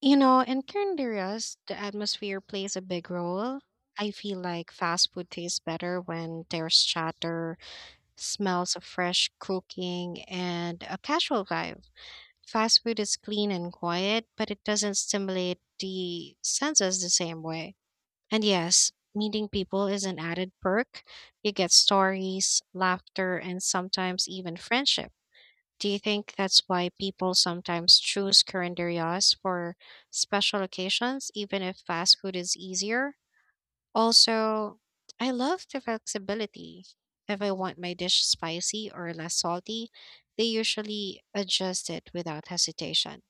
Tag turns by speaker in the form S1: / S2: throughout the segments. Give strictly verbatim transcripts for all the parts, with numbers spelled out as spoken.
S1: You know, in Honduras, the atmosphere plays a big role. I feel like fast food tastes better when there's chatter, smells of fresh cooking, and a casual vibe. Fast food is clean and quiet, but it doesn't stimulate the senses the same way. And yes, meeting people is an added perk. You get stories, laughter, and sometimes even friendship. Do you think that's why people sometimes choose calendarias for special occasions, even if fast food is easier? Also, I love the flexibility. If I want my dish spicy or less salty, they usually adjust it without hesitation.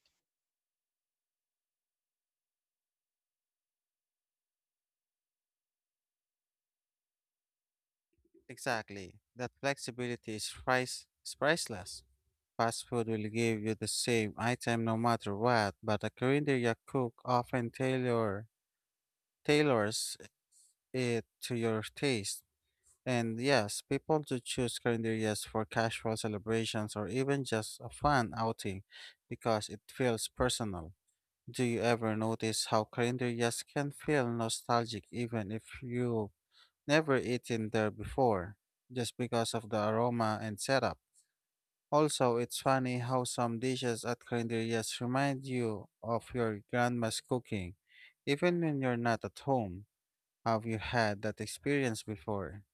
S2: Exactly. That flexibility is price is priceless. Fast food will give you the same item no matter what, but a Korean cook often tailor tailors it to your taste. And yes, people do choose Korean for casual celebrations or even just a fun outing because it feels personal. Do you ever notice how Korean can feel nostalgic even if you never eaten there before, just because of the aroma and setup. Also, it's funny how some dishes at calendarias remind you of your grandma's cooking, even when you're not at home. Have you had that experience before?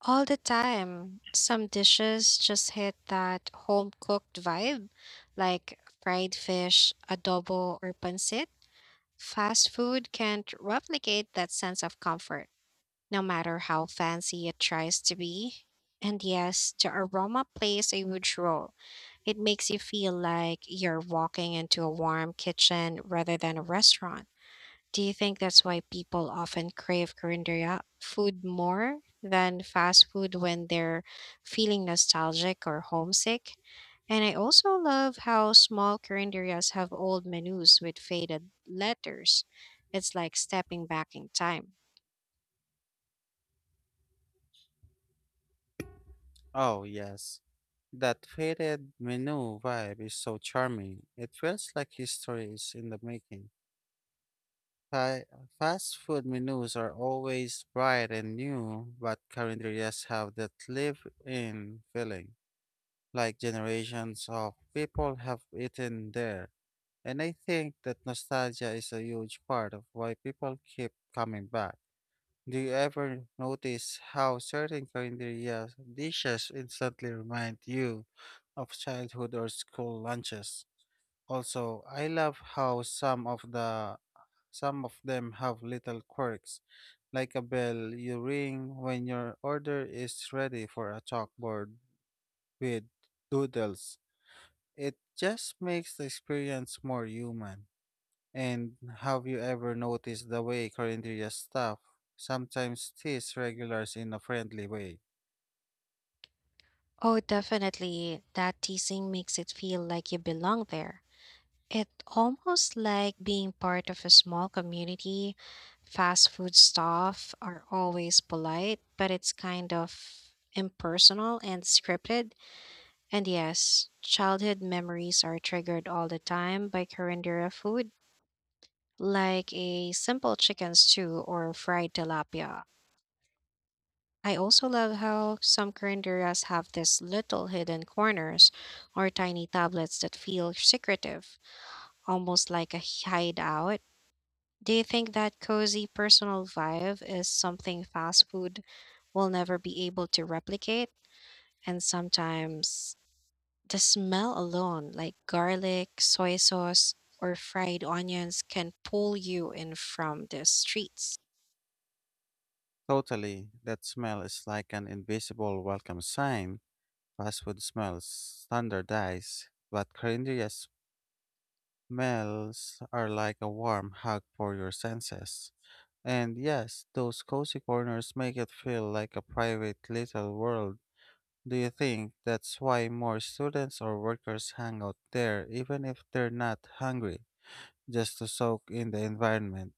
S1: All the time. Some dishes just hit that home cooked vibe, like fried fish, adobo, or pancit. Fast food can't replicate that sense of comfort, no matter how fancy it tries to be. And yes, the aroma plays a huge role. It makes you feel like you're walking into a warm kitchen rather than a restaurant. Do you think that's why people often crave Korean food more than fast food when they're feeling nostalgic or homesick? And I also love how small Koreanderias have old menus with faded letters. It's like stepping back in time.
S2: Oh, yes. That faded menu vibe is so charming. It feels like history is in the making. Fa- Fast food menus are always bright and new, but calendarias have that live in feeling, like generations of people have eaten there. And I think that nostalgia is a huge part of why people keep coming back. Do you ever notice how certain Korean dishes instantly remind you of childhood or school lunches? Also, I love how some of the some of them have little quirks, like a bell you ring when your order is ready for a chalkboard with doodles. It just makes the experience more human. And have you ever noticed the way Corinthia staff sometimes tease regulars in a friendly way?
S1: Oh, definitely. That teasing makes it feel like you belong there. It almost like being part of a small community. Fast food staff are always polite, but it's kind of impersonal and scripted. And yes, childhood memories are triggered all the time by Carindera food, like a simple chicken stew or fried tilapia. I also love how some Carinderas have these little hidden corners or tiny tablets that feel secretive, almost like a hideout. Do you think that cozy personal vibe is something fast food will never be able to replicate? And sometimes the smell alone, like garlic, soy sauce, or fried onions, can pull you in from the streets.
S2: Totally. That smell is like an invisible welcome sign. Fast food smells standardized, but Corinthia smells are like a warm hug for your senses. And yes, those cozy corners make it feel like a private little world. Do you think that's why more students or workers hang out there even if they're not hungry, just to soak in the environment?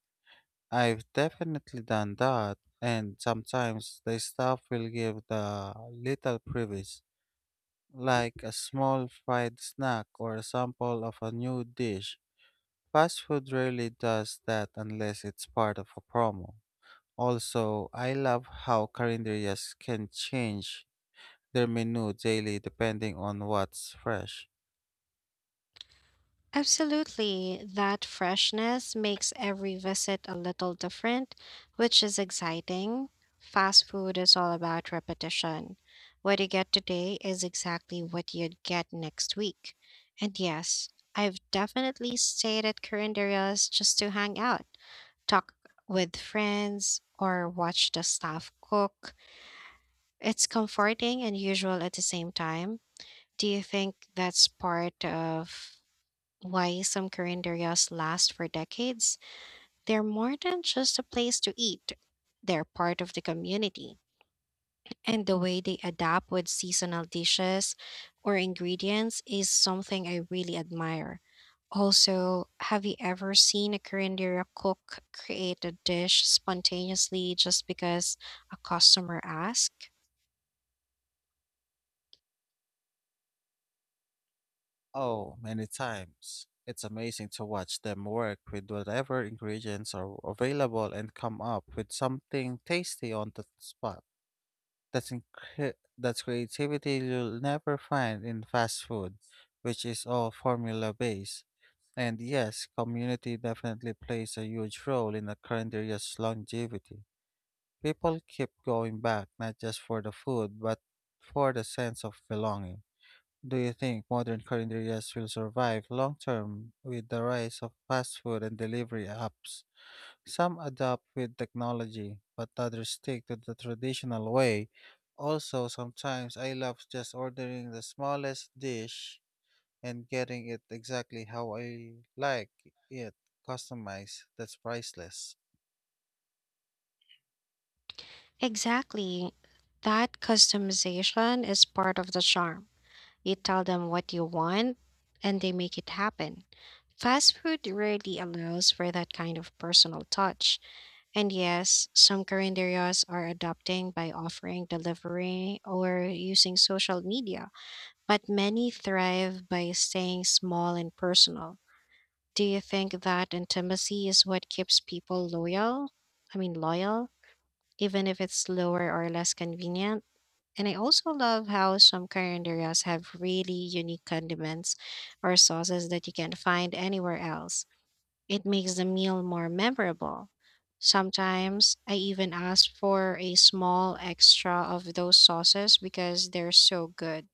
S2: I've definitely done that, and sometimes the staff will give the little privilege, like a small fried snack or a sample of a new dish. Fast food rarely does that unless it's part of a promo. Also, I love how calendars can change their menu daily depending on what's fresh.
S1: Absolutely. That freshness makes every visit a little different, which is exciting. Fast food is all about repetition. What you get today is exactly what you'd get next week. And yes, I've definitely stayed at current areas just to hang out, talk with friends, or watch the staff cook. It's comforting and usual at the same time. Do you think that's part of why some curanderias last for decades? They're more than just a place to eat. They're part of the community. And the way they adapt with seasonal dishes or ingredients is something I really admire. Also, have you ever seen a curanderia cook create a dish spontaneously just because a customer asked?
S2: Oh, many times. It's amazing to watch them work with whatever ingredients are available and come up with something tasty on the spot. That's, incre- that's creativity you'll never find in fast food, which is all formula based. And yes, community definitely plays a huge role in a current area's longevity. People keep going back not just for the food, but for the sense of belonging. Do you think modern culinarians will survive long term with the rise of fast food and delivery apps? Some adapt with technology, but others stick to the traditional way. Also, sometimes I love just ordering the smallest dish and getting it exactly how I like it, customized. That's priceless.
S1: Exactly. That customization is part of the charm. You tell them what you want, and they make it happen. Fast food rarely allows for that kind of personal touch. And yes, some carinderias are adapting by offering delivery or using social media, but many thrive by staying small and personal. Do you think that intimacy is what keeps people loyal? I mean, loyal, even if it's slower or less convenient? And I also love how some carinderias have really unique condiments or sauces that you can't find anywhere else. It makes the meal more memorable. Sometimes I even ask for a small extra of those sauces because they're so good.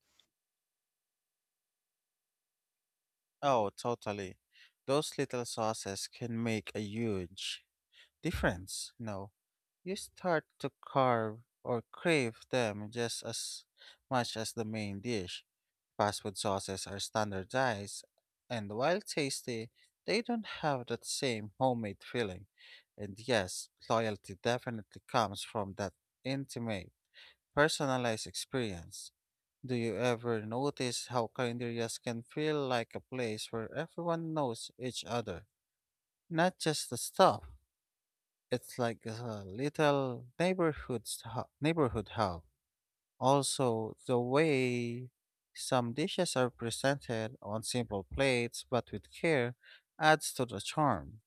S2: Oh, totally. Those little sauces can make a huge difference. No, you start to carve or crave them just as much as the main dish. Fast food sauces are standardized, and while tasty, they don't have that same homemade feeling. And yes, loyalty definitely comes from that intimate personalized experience. Do you ever notice how calendarias can feel like a place where everyone knows each other? Not just the staff. It's like a little neighborhood stu- neighborhood hub. Also, the way some dishes are presented on simple plates but with care adds to the charm.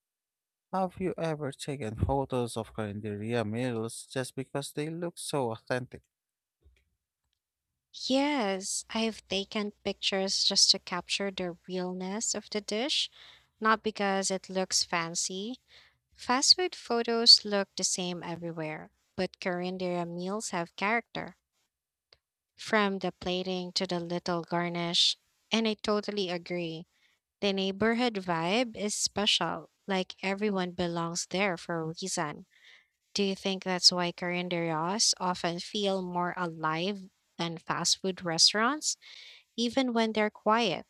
S2: Have you ever taken photos of calendaria meals just because they look so authentic?
S1: Yes, I've taken pictures just to capture the realness of the dish, not because it looks fancy. Fast food photos look the same everywhere, but Korean meals have character, from the plating to the little garnish. And I totally agree. The neighborhood vibe is special, like everyone belongs there for a reason. Do you think that's why carinderias often feel more alive than fast food restaurants, even when they're quiet?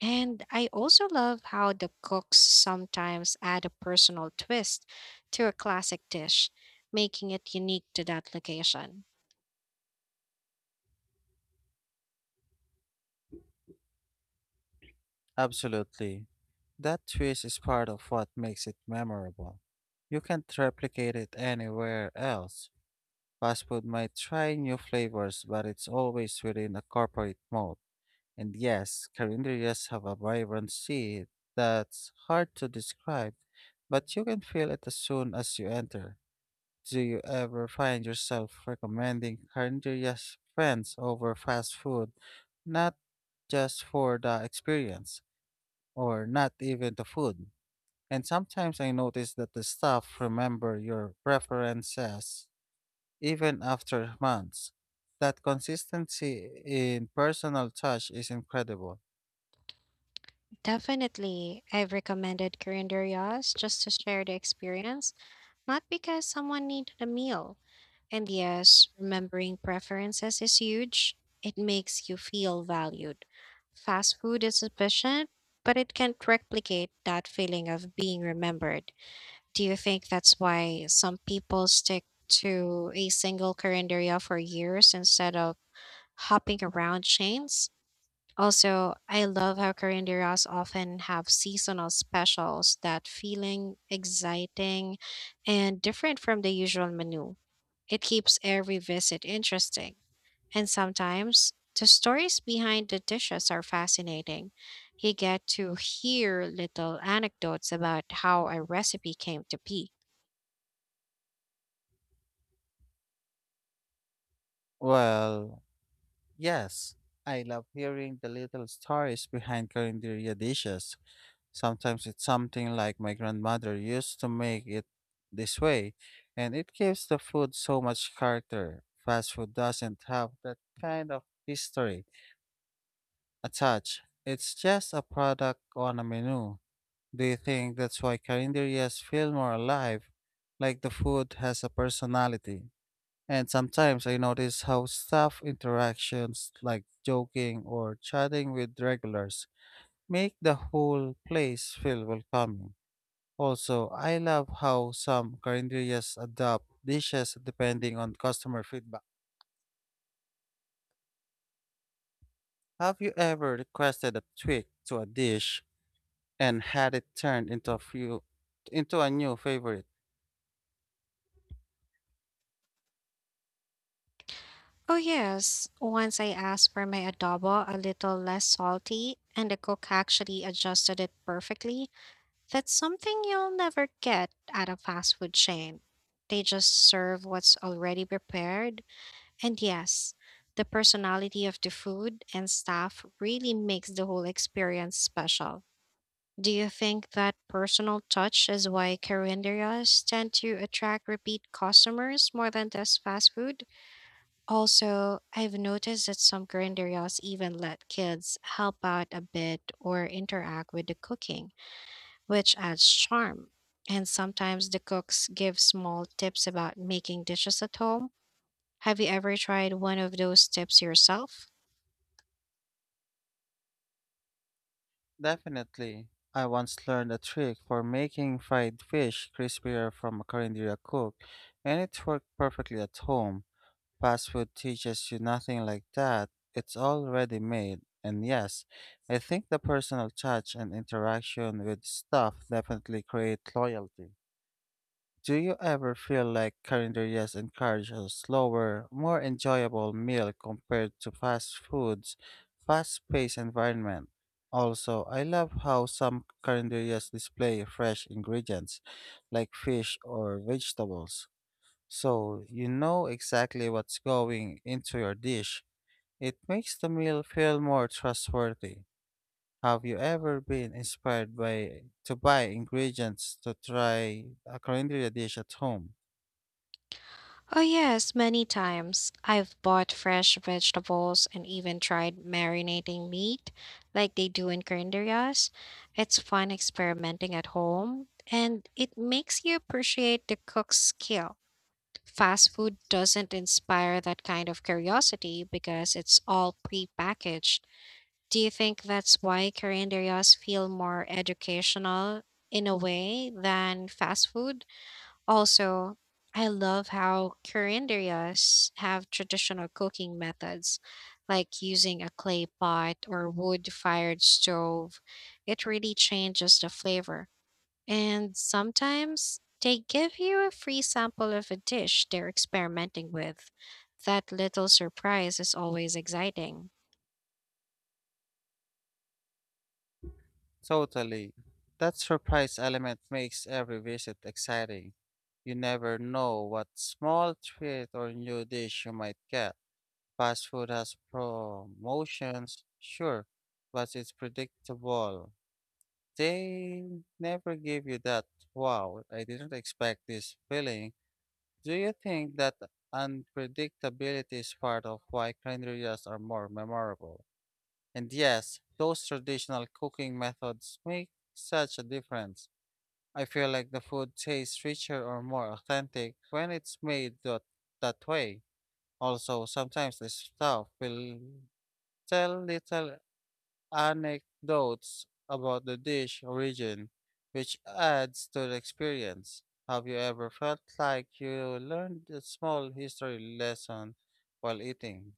S1: And I also love how the cooks sometimes add a personal twist to a classic dish, making it unique to that location.
S2: Absolutely. That twist is part of what makes it memorable. You can't replicate it anywhere else. Fast food might try new flavors, but it's always within a corporate mold. And yes, calendarias have a vibrancy that's hard to describe, but you can feel it as soon as you enter. Do you ever find yourself recommending calendarias friends over fast food, not just for the experience? Or not even the food. And sometimes I notice that the staff remember your preferences even after months. That consistency in personal touch is incredible.
S1: Definitely, I've recommended calendarias just to share the experience, not because someone needed a meal. And yes, remembering preferences is huge. It makes you feel valued. Fast food is efficient, but it can't replicate that feeling of being remembered. Do you think that's why some people stick to a single calendaria for years instead of hopping around chains? Also, I love how Korean derivatives often have seasonal specials that feeling exciting and different from the usual menu. It keeps every visit interesting, and sometimes the stories behind the dishes are fascinating. You get to hear little anecdotes about how a recipe came to be.
S2: Well, yes, I love hearing the little stories behind Corinderia dishes. Sometimes it's something like my grandmother used to make it this way, and it gives the food so much character. Fast food doesn't have that kind of history attach. It's just a product on a menu. Do you think that's why calendarias feel more alive? Like the food has a personality. And sometimes I notice how staff interactions, like joking or chatting with regulars, make the whole place feel welcoming. Also, I love how some calendarias adapt dishes depending on customer feedback. Have you ever requested a tweak to a dish and had it turned into a few into a new favorite.
S1: Oh, yes. Once I asked for my adobo a little less salty, and the cook actually adjusted it perfectly. That's something you'll never get at a fast food chain. They just serve what's already prepared. And yes, the personality of the food and staff really makes the whole experience special. Do you think that personal touch is why carinderias tend to attract repeat customers more than just fast food? Also, I've noticed that some carinderias even let kids help out a bit or interact with the cooking which adds charm. And sometimes the cooks give small tips about making dishes at home. Have you ever tried one of those tips yourself?
S2: Definitely. I once learned a trick for making fried fish crispier from a Korean cook, and it worked perfectly at home. Fast food teaches you nothing like that. It's already made. And yes, I think the personal touch and interaction with stuff definitely create loyalty. Do you ever feel like calendar yes encourage a slower, more enjoyable meal compared to fast foods, fast-paced environment? Also, I love how some calendar yes display fresh ingredients like fish or vegetables. So you know exactly what's going into your dish. It makes the meal feel more trustworthy. Have you ever been inspired by to buy ingredients to try a calendar dish at home?
S1: Oh, yes, many times. I've bought fresh vegetables and even tried marinating meat like they do in Koreas. It's fun experimenting at home and it makes you appreciate the cook's skill. Fast food doesn't inspire that kind of curiosity because it's all prepackaged. Do you think that's why Korean deryos feel more educational in a way than fast food? Also, I love how Korean deryos have traditional cooking methods, like using a clay pot or wood-fired stove. It really changes the flavor. And sometimes they give you a free sample of a dish they're experimenting with. That little surprise is always exciting.
S2: Totally. That surprise element makes every visit exciting. You never know what small treat or new dish you might get. Fast food has promotions, sure, but it's predictable. They never give you that, wow, I didn't expect this feeling. Do you think that unpredictability is part of why carnitas are more memorable? And yes, those traditional cooking methods make such a difference. I feel like the food tastes richer or more authentic when it's made that, that way. Also, sometimes the staff will tell little anecdotes about the dish origin, which adds to the experience. Have you ever felt like you learned a small history lesson while eating?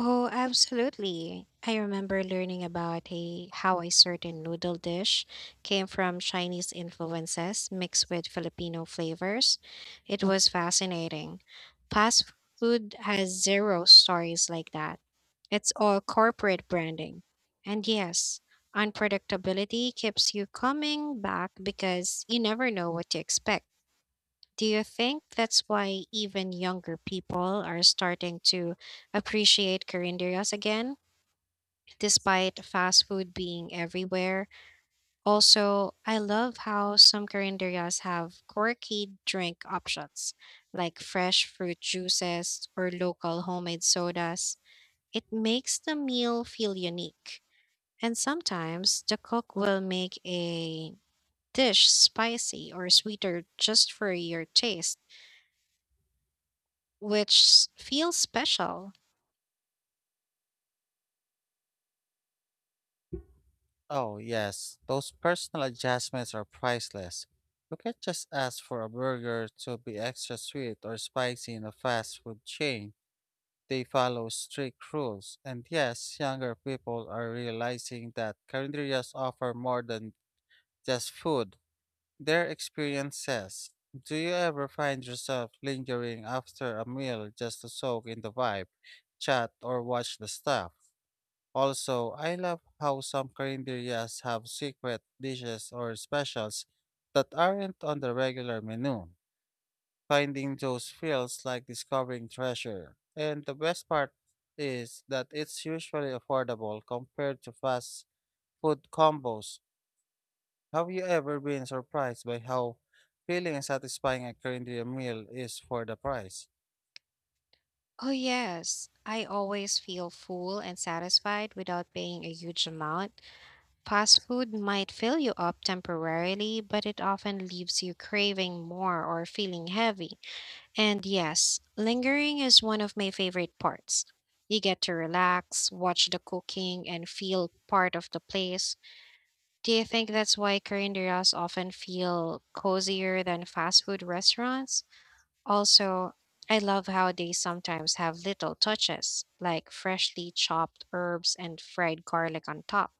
S1: Oh, absolutely. I remember learning about a, how a certain noodle dish came from Chinese influences mixed with Filipino flavors. It was fascinating. Fast food has zero stories like that. It's all corporate branding. And yes, unpredictability keeps you coming back because you never know what to expect. Do you think that's why even younger people are starting to appreciate carinderias again, despite fast food being everywhere? Also, I love how some carinderias have quirky drink options, like fresh fruit juices or local homemade sodas. It makes the meal feel unique. And sometimes the cook will make a dish spicy or sweeter just for your taste which s- feels special.
S2: Oh, yes, those personal adjustments are priceless. You can't just ask for a burger to be extra sweet or spicy in a fast food chain. They follow strict rules. And yes, younger people are realizing that carinderias offer more than just food, their experiences. Do you ever find yourself lingering after a meal just to soak in the vibe, chat, or watch the staff? Also, I love how some Korean birrias have secret dishes or specials that aren't on the regular menu. Finding those feels like discovering treasure. And the best part is that it's usually affordable compared to fast food combos. Have you ever been surprised by how filling and satisfying a Korean meal is for the price?
S1: Oh, yes. I always feel full and satisfied without paying a huge amount. Fast food might fill you up temporarily, but it often leaves you craving more or feeling heavy. And yes, lingering is one of my favorite parts. You get to relax, watch the cooking, and feel part of the place. Do you think that's why Korean often feel cozier than fast food restaurants? Also, I love how they sometimes have little touches, like freshly chopped herbs and fried garlic on top.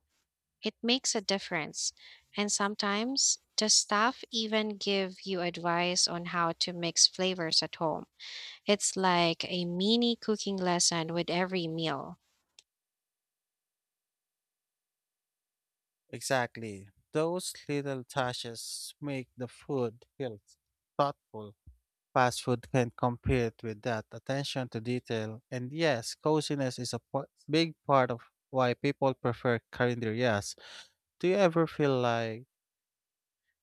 S1: It makes a difference. And sometimes the staff even give you advice on how to mix flavors at home. It's like a mini cooking lesson with every meal.
S2: Exactly. Those little touches make the food feel thoughtful. Fast food can't compete with that attention to detail. And yes, coziness is a po- big part of why people prefer carinderias. Do you ever feel like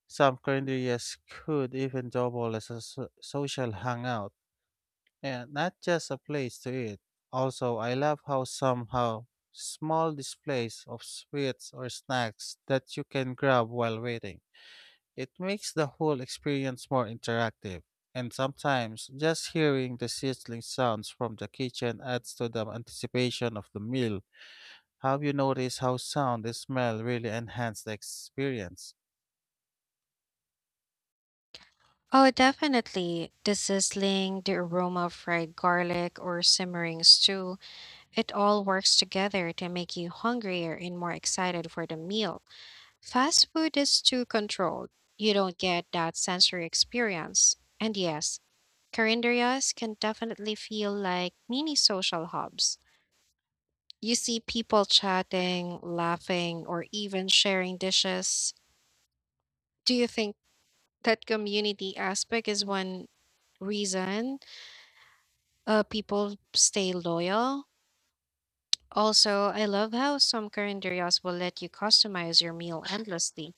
S2: some carinderias could even double as a so- social hangout and not just a place to eat? Also, I love how somehow small displays of sweets or snacks that you can grab while waiting. It makes the whole experience more interactive, and sometimes just hearing the sizzling sounds from the kitchen adds to the anticipation of the meal. Have you noticed how sound and smell really enhance the experience?
S1: Oh, definitely. The sizzling, the aroma of fried garlic, or simmering stew, it all works together to make you hungrier and more excited for the meal. Fast food is too controlled. You don't get that sensory experience. And yes, Carinderias can definitely feel like mini social hubs. You see people chatting, laughing, or even sharing dishes. Do you think that community aspect is one reason uh, people stay loyal? Also, I love how some Carinderias will let you customize your meal endlessly,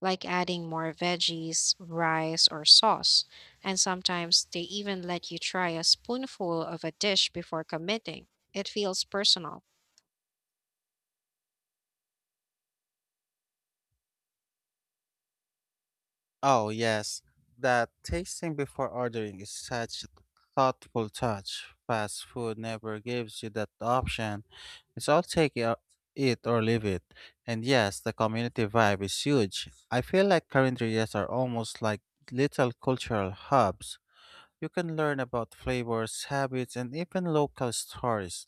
S1: like adding more veggies, rice, or sauce. And sometimes they even let you try a spoonful of a dish before committing. It feels personal.
S2: Oh, yes, that tasting before ordering is such a thoughtful touch. Fast food never gives you that option. It's all take it it or leave it. And yes, the community vibe is huge. I feel like current areas are almost like little cultural hubs. You can learn about flavors, habits, and even local stories.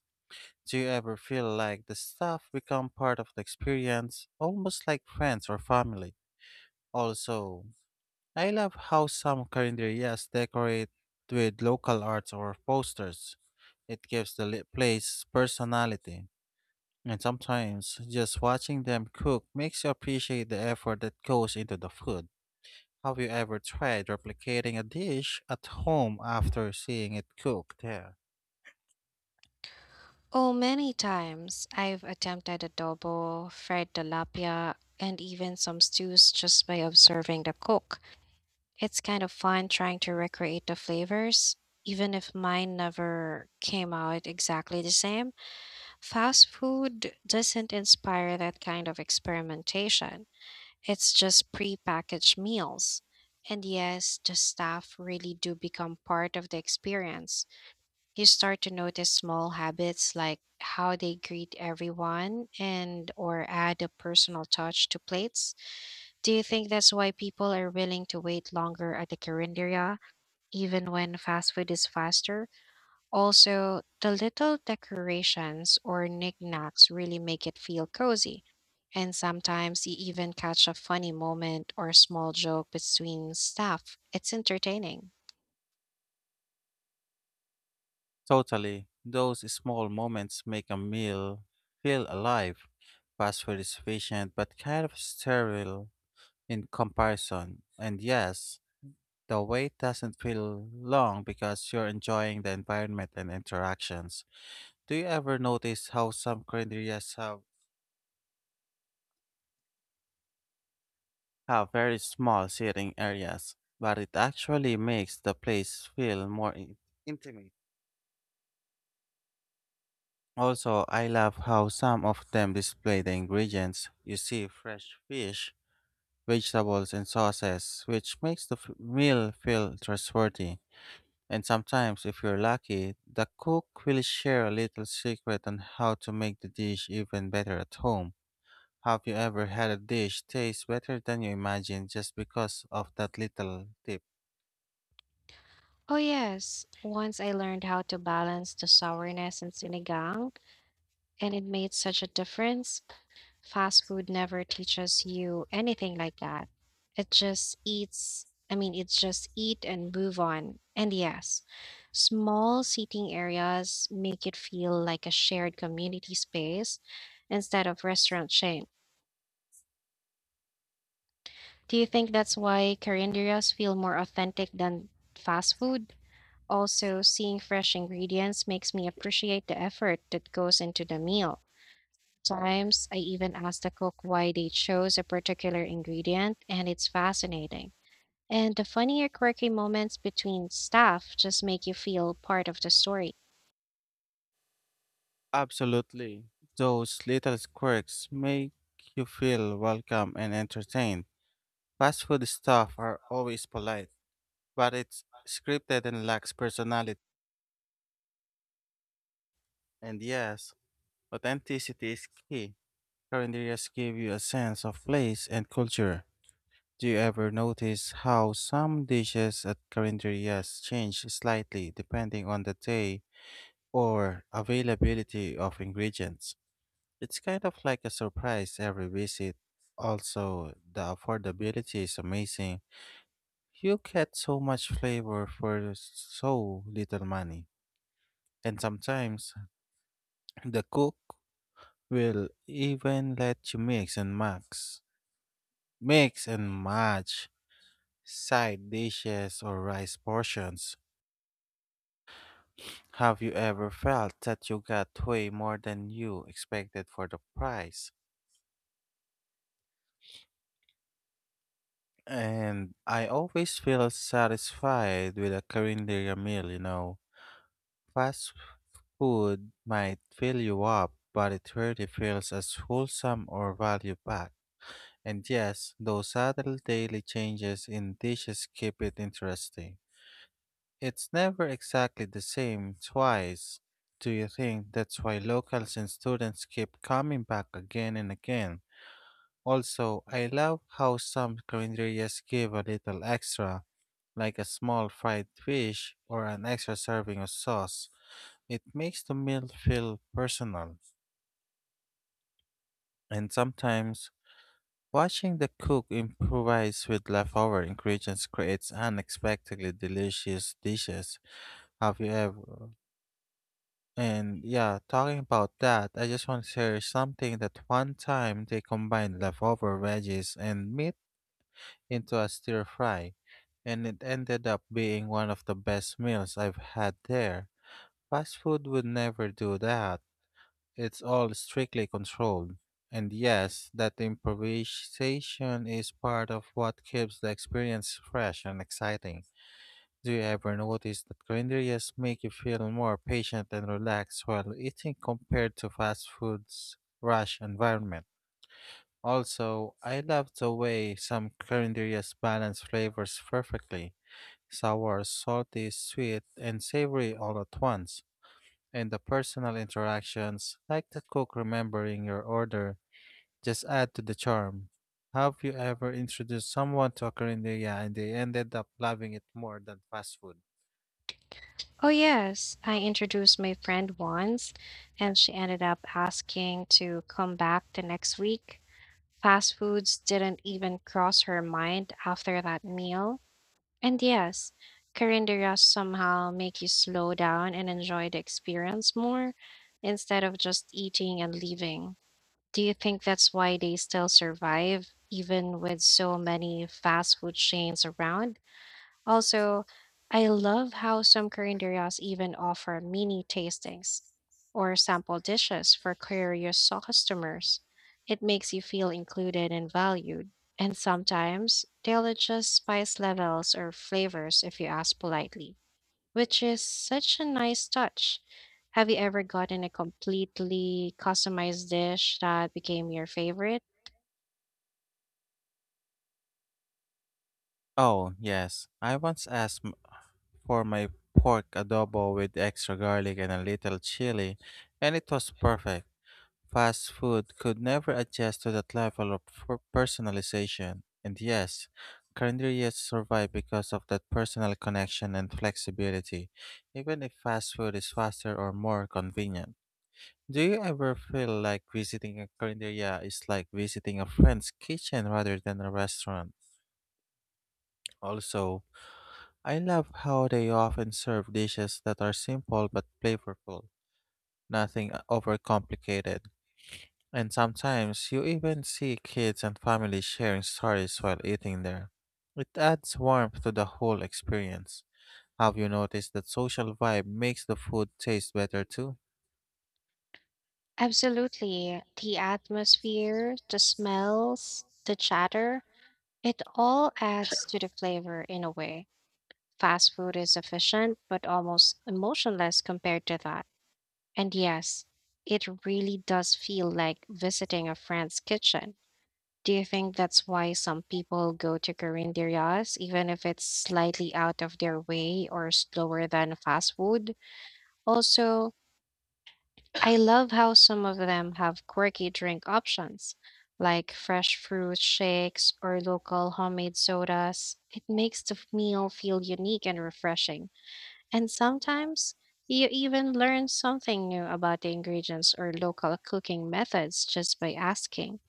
S2: Do you ever feel like the staff become part of the experience, almost like friends or family? Also, I love how some current decorate with local arts or posters. It gives the li- place personality. And sometimes just watching them cook makes you appreciate the effort that goes into the food. Have you ever tried replicating a dish at home after seeing it cooked there?
S1: Oh, many times I've attempted adobo, fried tilapia, and even some stews just by observing the cook. It's kind of fun trying to recreate the flavors, even if mine never came out exactly the same. Fast food doesn't inspire that kind of experimentation. It's just prepackaged meals. And yes, the staff really do become part of the experience. You start to notice small habits like how they greet everyone and or add a personal touch to plates. Do you think that's why people are willing to wait longer at the Carinderia even when fast food is faster? Also, the little decorations or knickknacks really make it feel cozy. And sometimes you even catch a funny moment or small joke between staff. It's entertaining.
S2: Totally. Those small moments make a meal feel alive. Fast food is efficient but kind of sterile in comparison. And yes, the wait doesn't feel long because you're enjoying the environment and interactions. Do you ever notice how some cuisines have have very small seating areas, but it actually makes the place feel more in- intimate. Also, I love how some of them display the ingredients. You see fresh fish, vegetables, and sauces, which makes the f- meal feel trustworthy. And sometimes, if you're lucky, the cook will share a little secret on how to make the dish even better at home. Have you ever had a dish taste better than you imagined just because of that little tip?
S1: Oh, yes. Once I learned how to balance the sourness in sinigang, and it made such a difference. Fast food never teaches you anything like that. It just eats, I mean, it's just eat and move on. And yes, small seating areas make it feel like a shared community space instead of restaurant chain. Do you think that's why carinderias feel more authentic than fast food? Also, seeing fresh ingredients makes me appreciate the effort that goes into the meal. Sometimes I even ask the cook why they chose a particular ingredient, and it's fascinating. And the funny or quirky moments between staff just make you feel part of the story.
S2: Absolutely. Those little quirks make you feel welcome and entertained. Fast food staff are always polite, but it's scripted and lacks personality. And yes, authenticity is key. Calendarias give you a sense of place and culture. Do you ever notice how some dishes at calendarias change slightly depending on the day or availability of ingredients? It's kind of like a surprise every visit. Also, the affordability is amazing. You get so much flavor for so little money. And sometimes the cook will even let you mix and max, mix and match side dishes or rice portions. Have you ever felt that you got way more than you expected for the price? And I always feel satisfied with a Korean meal, you know. Fast food might fill you up, but it rarely feels as wholesome or value packed. And yes, those subtle daily changes in dishes keep it interesting. It's never exactly the same twice. Do you think that's why locals and students keep coming back again and again? Also, I love how some calendarias give a little extra, like a small fried fish or an extra serving of sauce. It makes the meal feel personal. And sometimes, watching the cook improvise with leftover ingredients creates unexpectedly delicious dishes. Have you ever? And yeah, talking about that, I just want to share something that one time they combined leftover veggies and meat into a stir fry, and it ended up being one of the best meals I've had there. Fast food would never do that. It's all strictly controlled. And yes, that improvisation is part of what keeps the experience fresh and exciting. Do you ever notice that grinderias make you feel more patient and relaxed while eating compared to fast food's rush environment? Also, I love the way some culinarians balance flavors perfectly sour, salty, sweet, and savory all at once. And the personal interactions, like the cook remembering your order, just add to the charm. Have you ever introduced someone to a culinarian and they ended up loving it more than fast food?
S1: Oh, yes, I introduced my friend once, and she ended up asking to come back the next week. Fast foods didn't even cross her mind after that meal. And yes, calendaras somehow make you slow down and enjoy the experience more instead of just eating and leaving. Do you think that's why they still survive, even with so many fast food chains around? Also, I love how some carinderias even offer mini tastings or sample dishes for curious customers. It makes you feel included and valued. And sometimes they'll adjust spice levels or flavors if you ask politely, which is such a nice touch. Have you ever gotten a completely customized dish that became your favorite?
S2: Oh, yes. I once asked m- for my pork adobo with extra garlic and a little chili, and it was perfect. Fast food could never adjust to that level of per- personalization. And yes, calendarias survive because of that personal connection and flexibility, even if fast food is faster or more convenient. Do you ever feel like visiting a calendaria is like visiting a friend's kitchen rather than a restaurant? Also, I love how they often serve dishes that are simple but flavorful, nothing overcomplicated. And sometimes you even see kids and families sharing stories while eating there. It adds warmth to the whole experience. Have you noticed that social vibe makes the food taste better too?
S1: Absolutely. The atmosphere, the smells, the chatter, it all adds to the flavor in a way. Fast food is efficient, but almost emotionless compared to that. And yes, it really does feel like visiting a friend's kitchen. Do you think that's why some people go to Carinderias, even if it's slightly out of their way or slower than fast food? Also, I love how some of them have quirky drink options, like fresh fruit shakes or local homemade sodas. It makes the meal feel unique and refreshing. And sometimes you even learn something new about the ingredients or local cooking methods just by asking.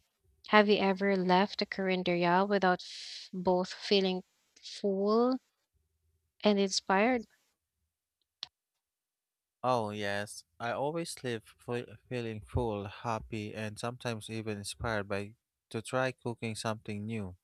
S1: Have you ever left a Corinderia without f- both feeling full and inspired?
S2: Oh, yes. I always leave fe- feeling full, happy, and sometimes even inspired by to try cooking something new.